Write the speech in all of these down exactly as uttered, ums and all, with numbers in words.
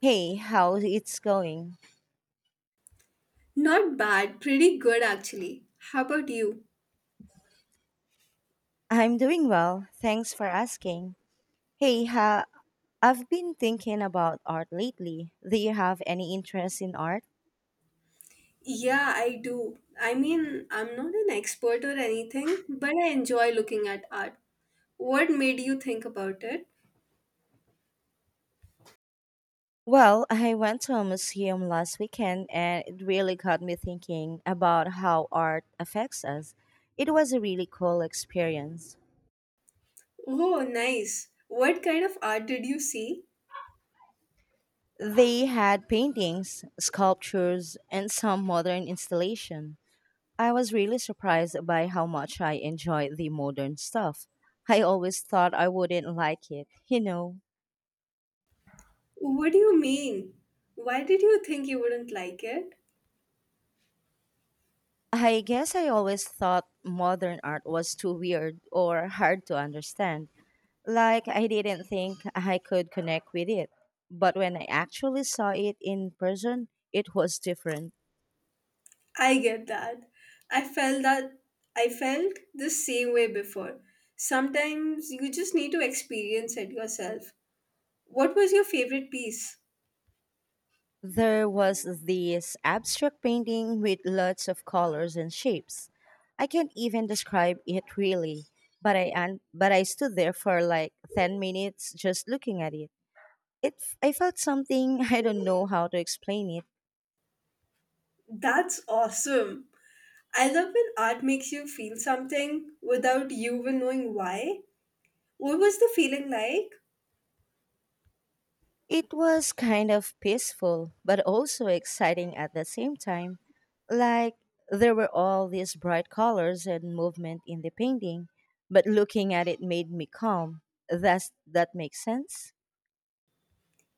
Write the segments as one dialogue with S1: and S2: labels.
S1: Hey, how it's going?
S2: Not bad, pretty good actually. How about you?
S1: I'm doing well. Thanks for asking. Hey, ha, I've been thinking about art lately. Do you have any interest in art?
S2: Yeah, I do. I mean, I'm not an expert or anything, but I enjoy looking at art. What made you think about it?
S1: Well, I went to a museum last weekend and it really got me thinking about how art affects us. It was a really cool experience.
S2: Oh, nice. What kind of art did you see?
S1: They had paintings, sculptures, and some modern installation. I was really surprised by how much I enjoy the modern stuff. I always thought I wouldn't like it, you know.
S2: What do you mean? Why did you think you wouldn't like it?
S1: I guess I always thought modern art was too weird or hard to understand. Like, I didn't think I could connect with it. But when I actually saw it in person, it was different.
S2: I get that. I felt that I felt the same way before. Sometimes you just need to experience it yourself. What was your favorite piece?
S1: There was this abstract painting with lots of colors and shapes. I can't even describe it really, but I un- but I stood there for like ten minutes just looking at it. It f- I felt something I don't know how to explain it.
S2: That's awesome. I love when art makes you feel something without you even knowing why. What was the feeling like?
S1: It was kind of peaceful but also exciting at the same time. Like there were all these bright colors and movement in the painting, but looking at it made me calm. Does that make sense?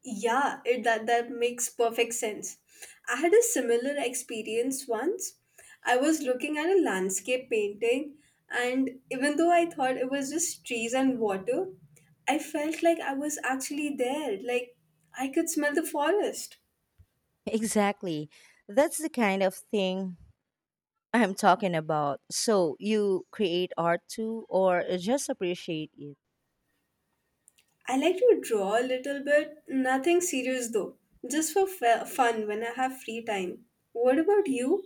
S2: Yeah, it, that that makes perfect sense. I had a similar experience once. I was looking at a landscape painting, and even though I thought it was just trees and water, I felt like I was actually there. Like I could smell the forest.
S1: Exactly. That's the kind of thing I'm talking about. So, you create art too, or just appreciate it?
S2: I like to draw a little bit, nothing serious though, just for f- fun when I have free time. What about you?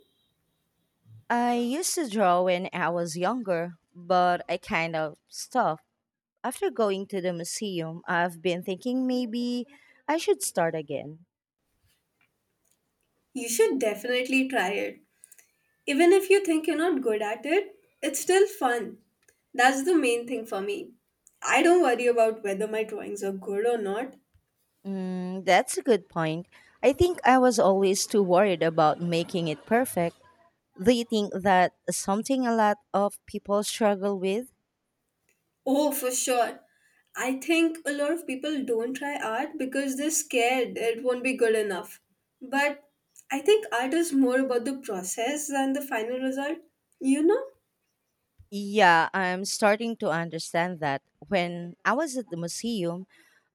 S1: I used to draw when I was younger, but I kind of stopped. After going to the museum, I've been thinking maybe I should start again.
S2: You should definitely try it. Even if you think you're not good at it, it's still fun. That's the main thing for me. I don't worry about whether my drawings are good or not.
S1: Mm, that's a good point. I think I was always too worried about making it perfect. Do you think that something a lot of people struggle with?
S2: Oh, for sure. I think a lot of people don't try art because they're scared it won't be good enough. But I think art is more about the process than the final result. You know,
S1: Yeah, I'm starting to understand that. When I was at the museum,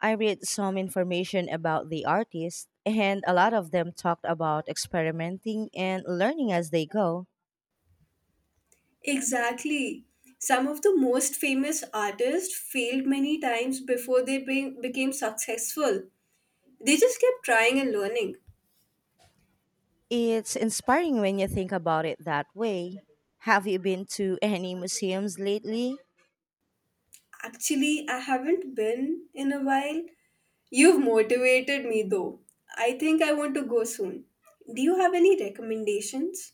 S1: I read some information about the artists, and a lot of them talked about experimenting and learning as they go.
S2: exactly. Some of the most famous artists failed many times before they be- became successful. They just kept trying and learning.
S1: It's inspiring when you think about it that way. Have you been to any museums lately?
S2: Actually, I haven't been in a while. You've motivated me though. I think I want to go soon. Do you have any recommendations?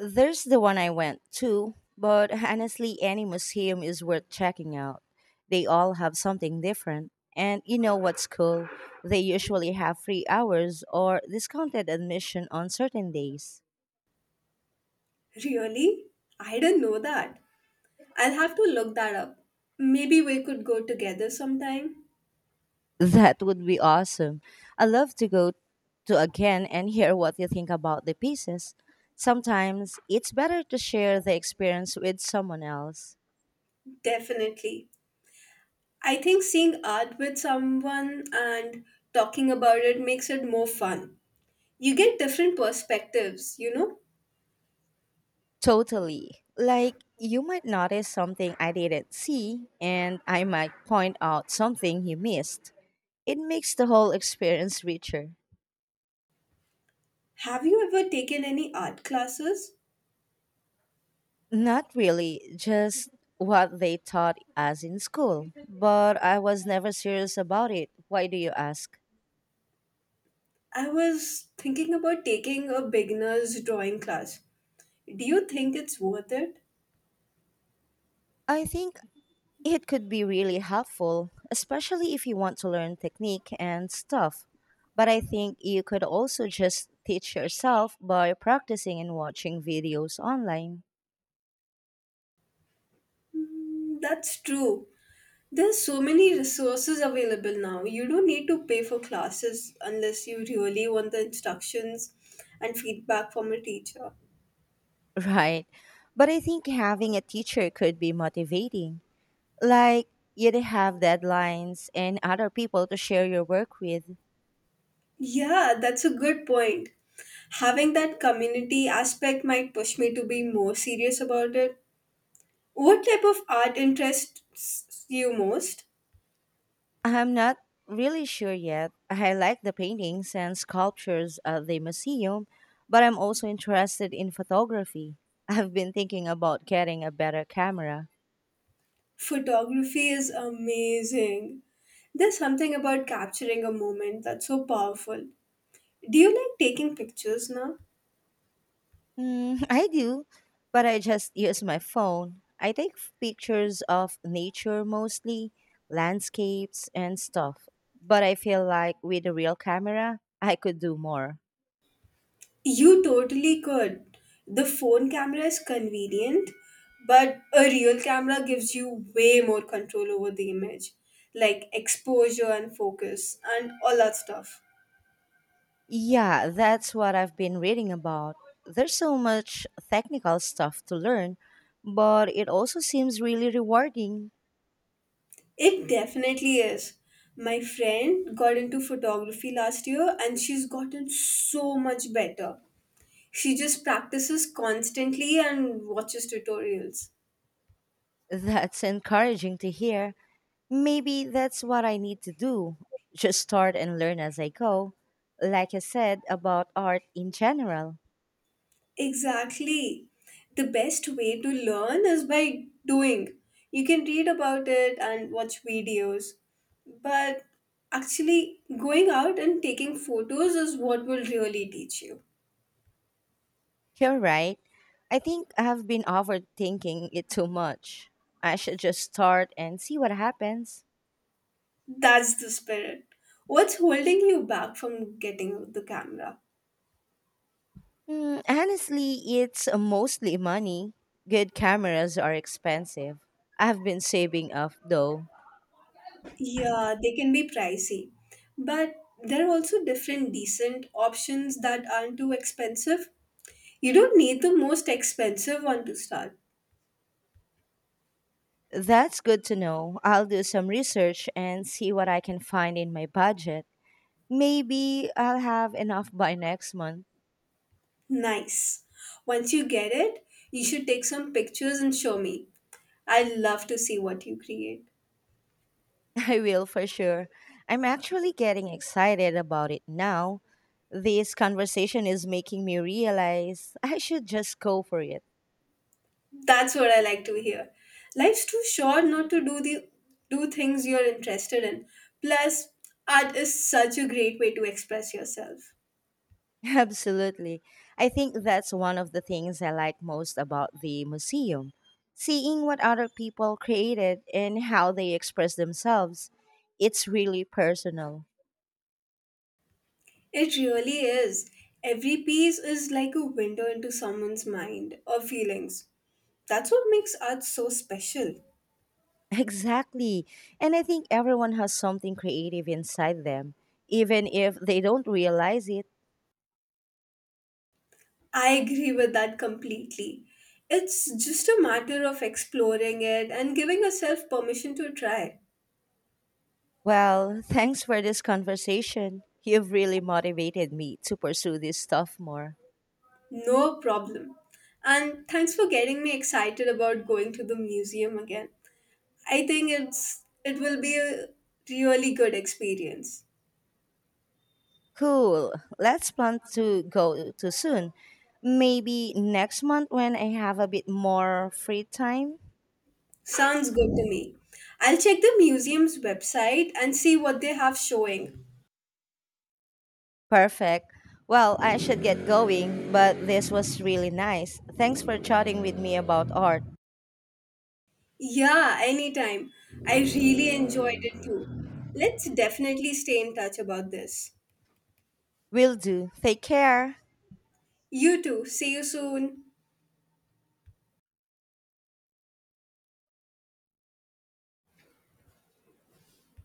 S1: There's the one I went to, but honestly, any museum is worth checking out. They all have something different. And you know what's cool? They usually have free hours or discounted admission on certain days.
S2: Really? I didn't know that. I'll have to look that up. Maybe we could go together sometime.
S1: That would be awesome. I love to go to again and hear what you think about the pieces. Sometimes it's better to share the experience with someone else.
S2: Definitely. I think seeing art with someone and talking about it makes it more fun. You get different perspectives, you know?
S1: Totally. Like, you might notice something I didn't see, and I might point out something you missed. It makes the whole experience richer.
S2: Have you ever taken any art classes?
S1: Not really, just what they taught us in school. But I was never serious about it. Why do you ask?
S2: I was thinking about taking a beginner's drawing class. Do you think it's worth it?
S1: I think it could be really helpful, especially if you want to learn technique and stuff. But I think you could also just teach yourself by practicing and watching videos online.
S2: Mm, that's true. There's so many resources available now. You don't need to pay for classes unless you really want the instructions and feedback from a teacher.
S1: Right. But I think having a teacher could be motivating. Like, you'd have deadlines and other people to share your work with.
S2: Yeah, that's a good point. Having that community aspect might push me to be more serious about it. What type of art interests you most?
S1: I'm not really sure yet. I like the paintings and sculptures at the museum, but I'm also interested in photography. I've been thinking about getting a better camera.
S2: Photography is amazing. There's something about capturing a moment that's so powerful. Do you like taking pictures now?
S1: Mm, I do, but I just use my phone. I take f- pictures of nature mostly, landscapes and stuff. But I feel like with a real camera, I could do more.
S2: You totally could. The phone camera is convenient, but a real camera gives you way more control over the image, like exposure and focus and all that stuff.
S1: Yeah, that's what I've been reading about. There's so much technical stuff to learn, but it also seems really rewarding.
S2: It definitely is. My friend got into photography last year and she's gotten so much better. She just practices constantly and watches tutorials.
S1: That's encouraging to hear. Maybe that's what I need to do. Just start and learn as I go. Like I said about art in general.
S2: Exactly. The best way to learn is by doing. You can read about it and watch videos. But actually, going out and taking photos is what will really teach you.
S1: You're right. I think I have been overthinking it too much. I should just start and see what happens.
S2: That's the spirit. What's holding you back from getting the camera?
S1: Hmm, honestly, it's mostly money. Good cameras are expensive. I've been saving up though.
S2: Yeah, they can be pricey. But there are also different decent options that aren't too expensive. You don't need the most expensive one to start.
S1: That's good to know. I'll do some research and see what I can find in my budget. Maybe I'll have enough by next month.
S2: Nice. Once you get it, you should take some pictures and show me. I love to see what you create.
S1: I will for sure. I'm actually getting excited about it now. This conversation is making me realize I should just go for it.
S2: That's what I like to hear. Life's too short not to do the do things you're interested in. Plus, art is such a great way to express yourself.
S1: Absolutely. I think that's one of the things I like most about the museum seeing what other people created and how they express themselves. It's really personal.
S2: It really is. Every piece is like a window into someone's mind or feelings. That's what makes art so special.
S1: Exactly. And I think everyone has something creative inside them, even if they don't realize it.
S2: I agree with that completely. It's just a matter of exploring it and giving yourself permission to try.
S1: Well, thanks for this conversation. You've really motivated me to pursue this stuff more.
S2: No problem. And thanks for getting me excited about going to the museum again. I think it's it will be a really good experience.
S1: Cool. Let's plan to go to soon. Maybe next month when I have a bit more free time.
S2: Sounds good to me. I'll check the museum's website and see what they have showing.
S1: Perfect. Well, I should get going, but this was really nice. Thanks for chatting with me about art.
S2: Yeah, anytime. I really enjoyed it too. Let's definitely stay in touch about this.
S1: Will do. Take care.
S2: You too. See you soon.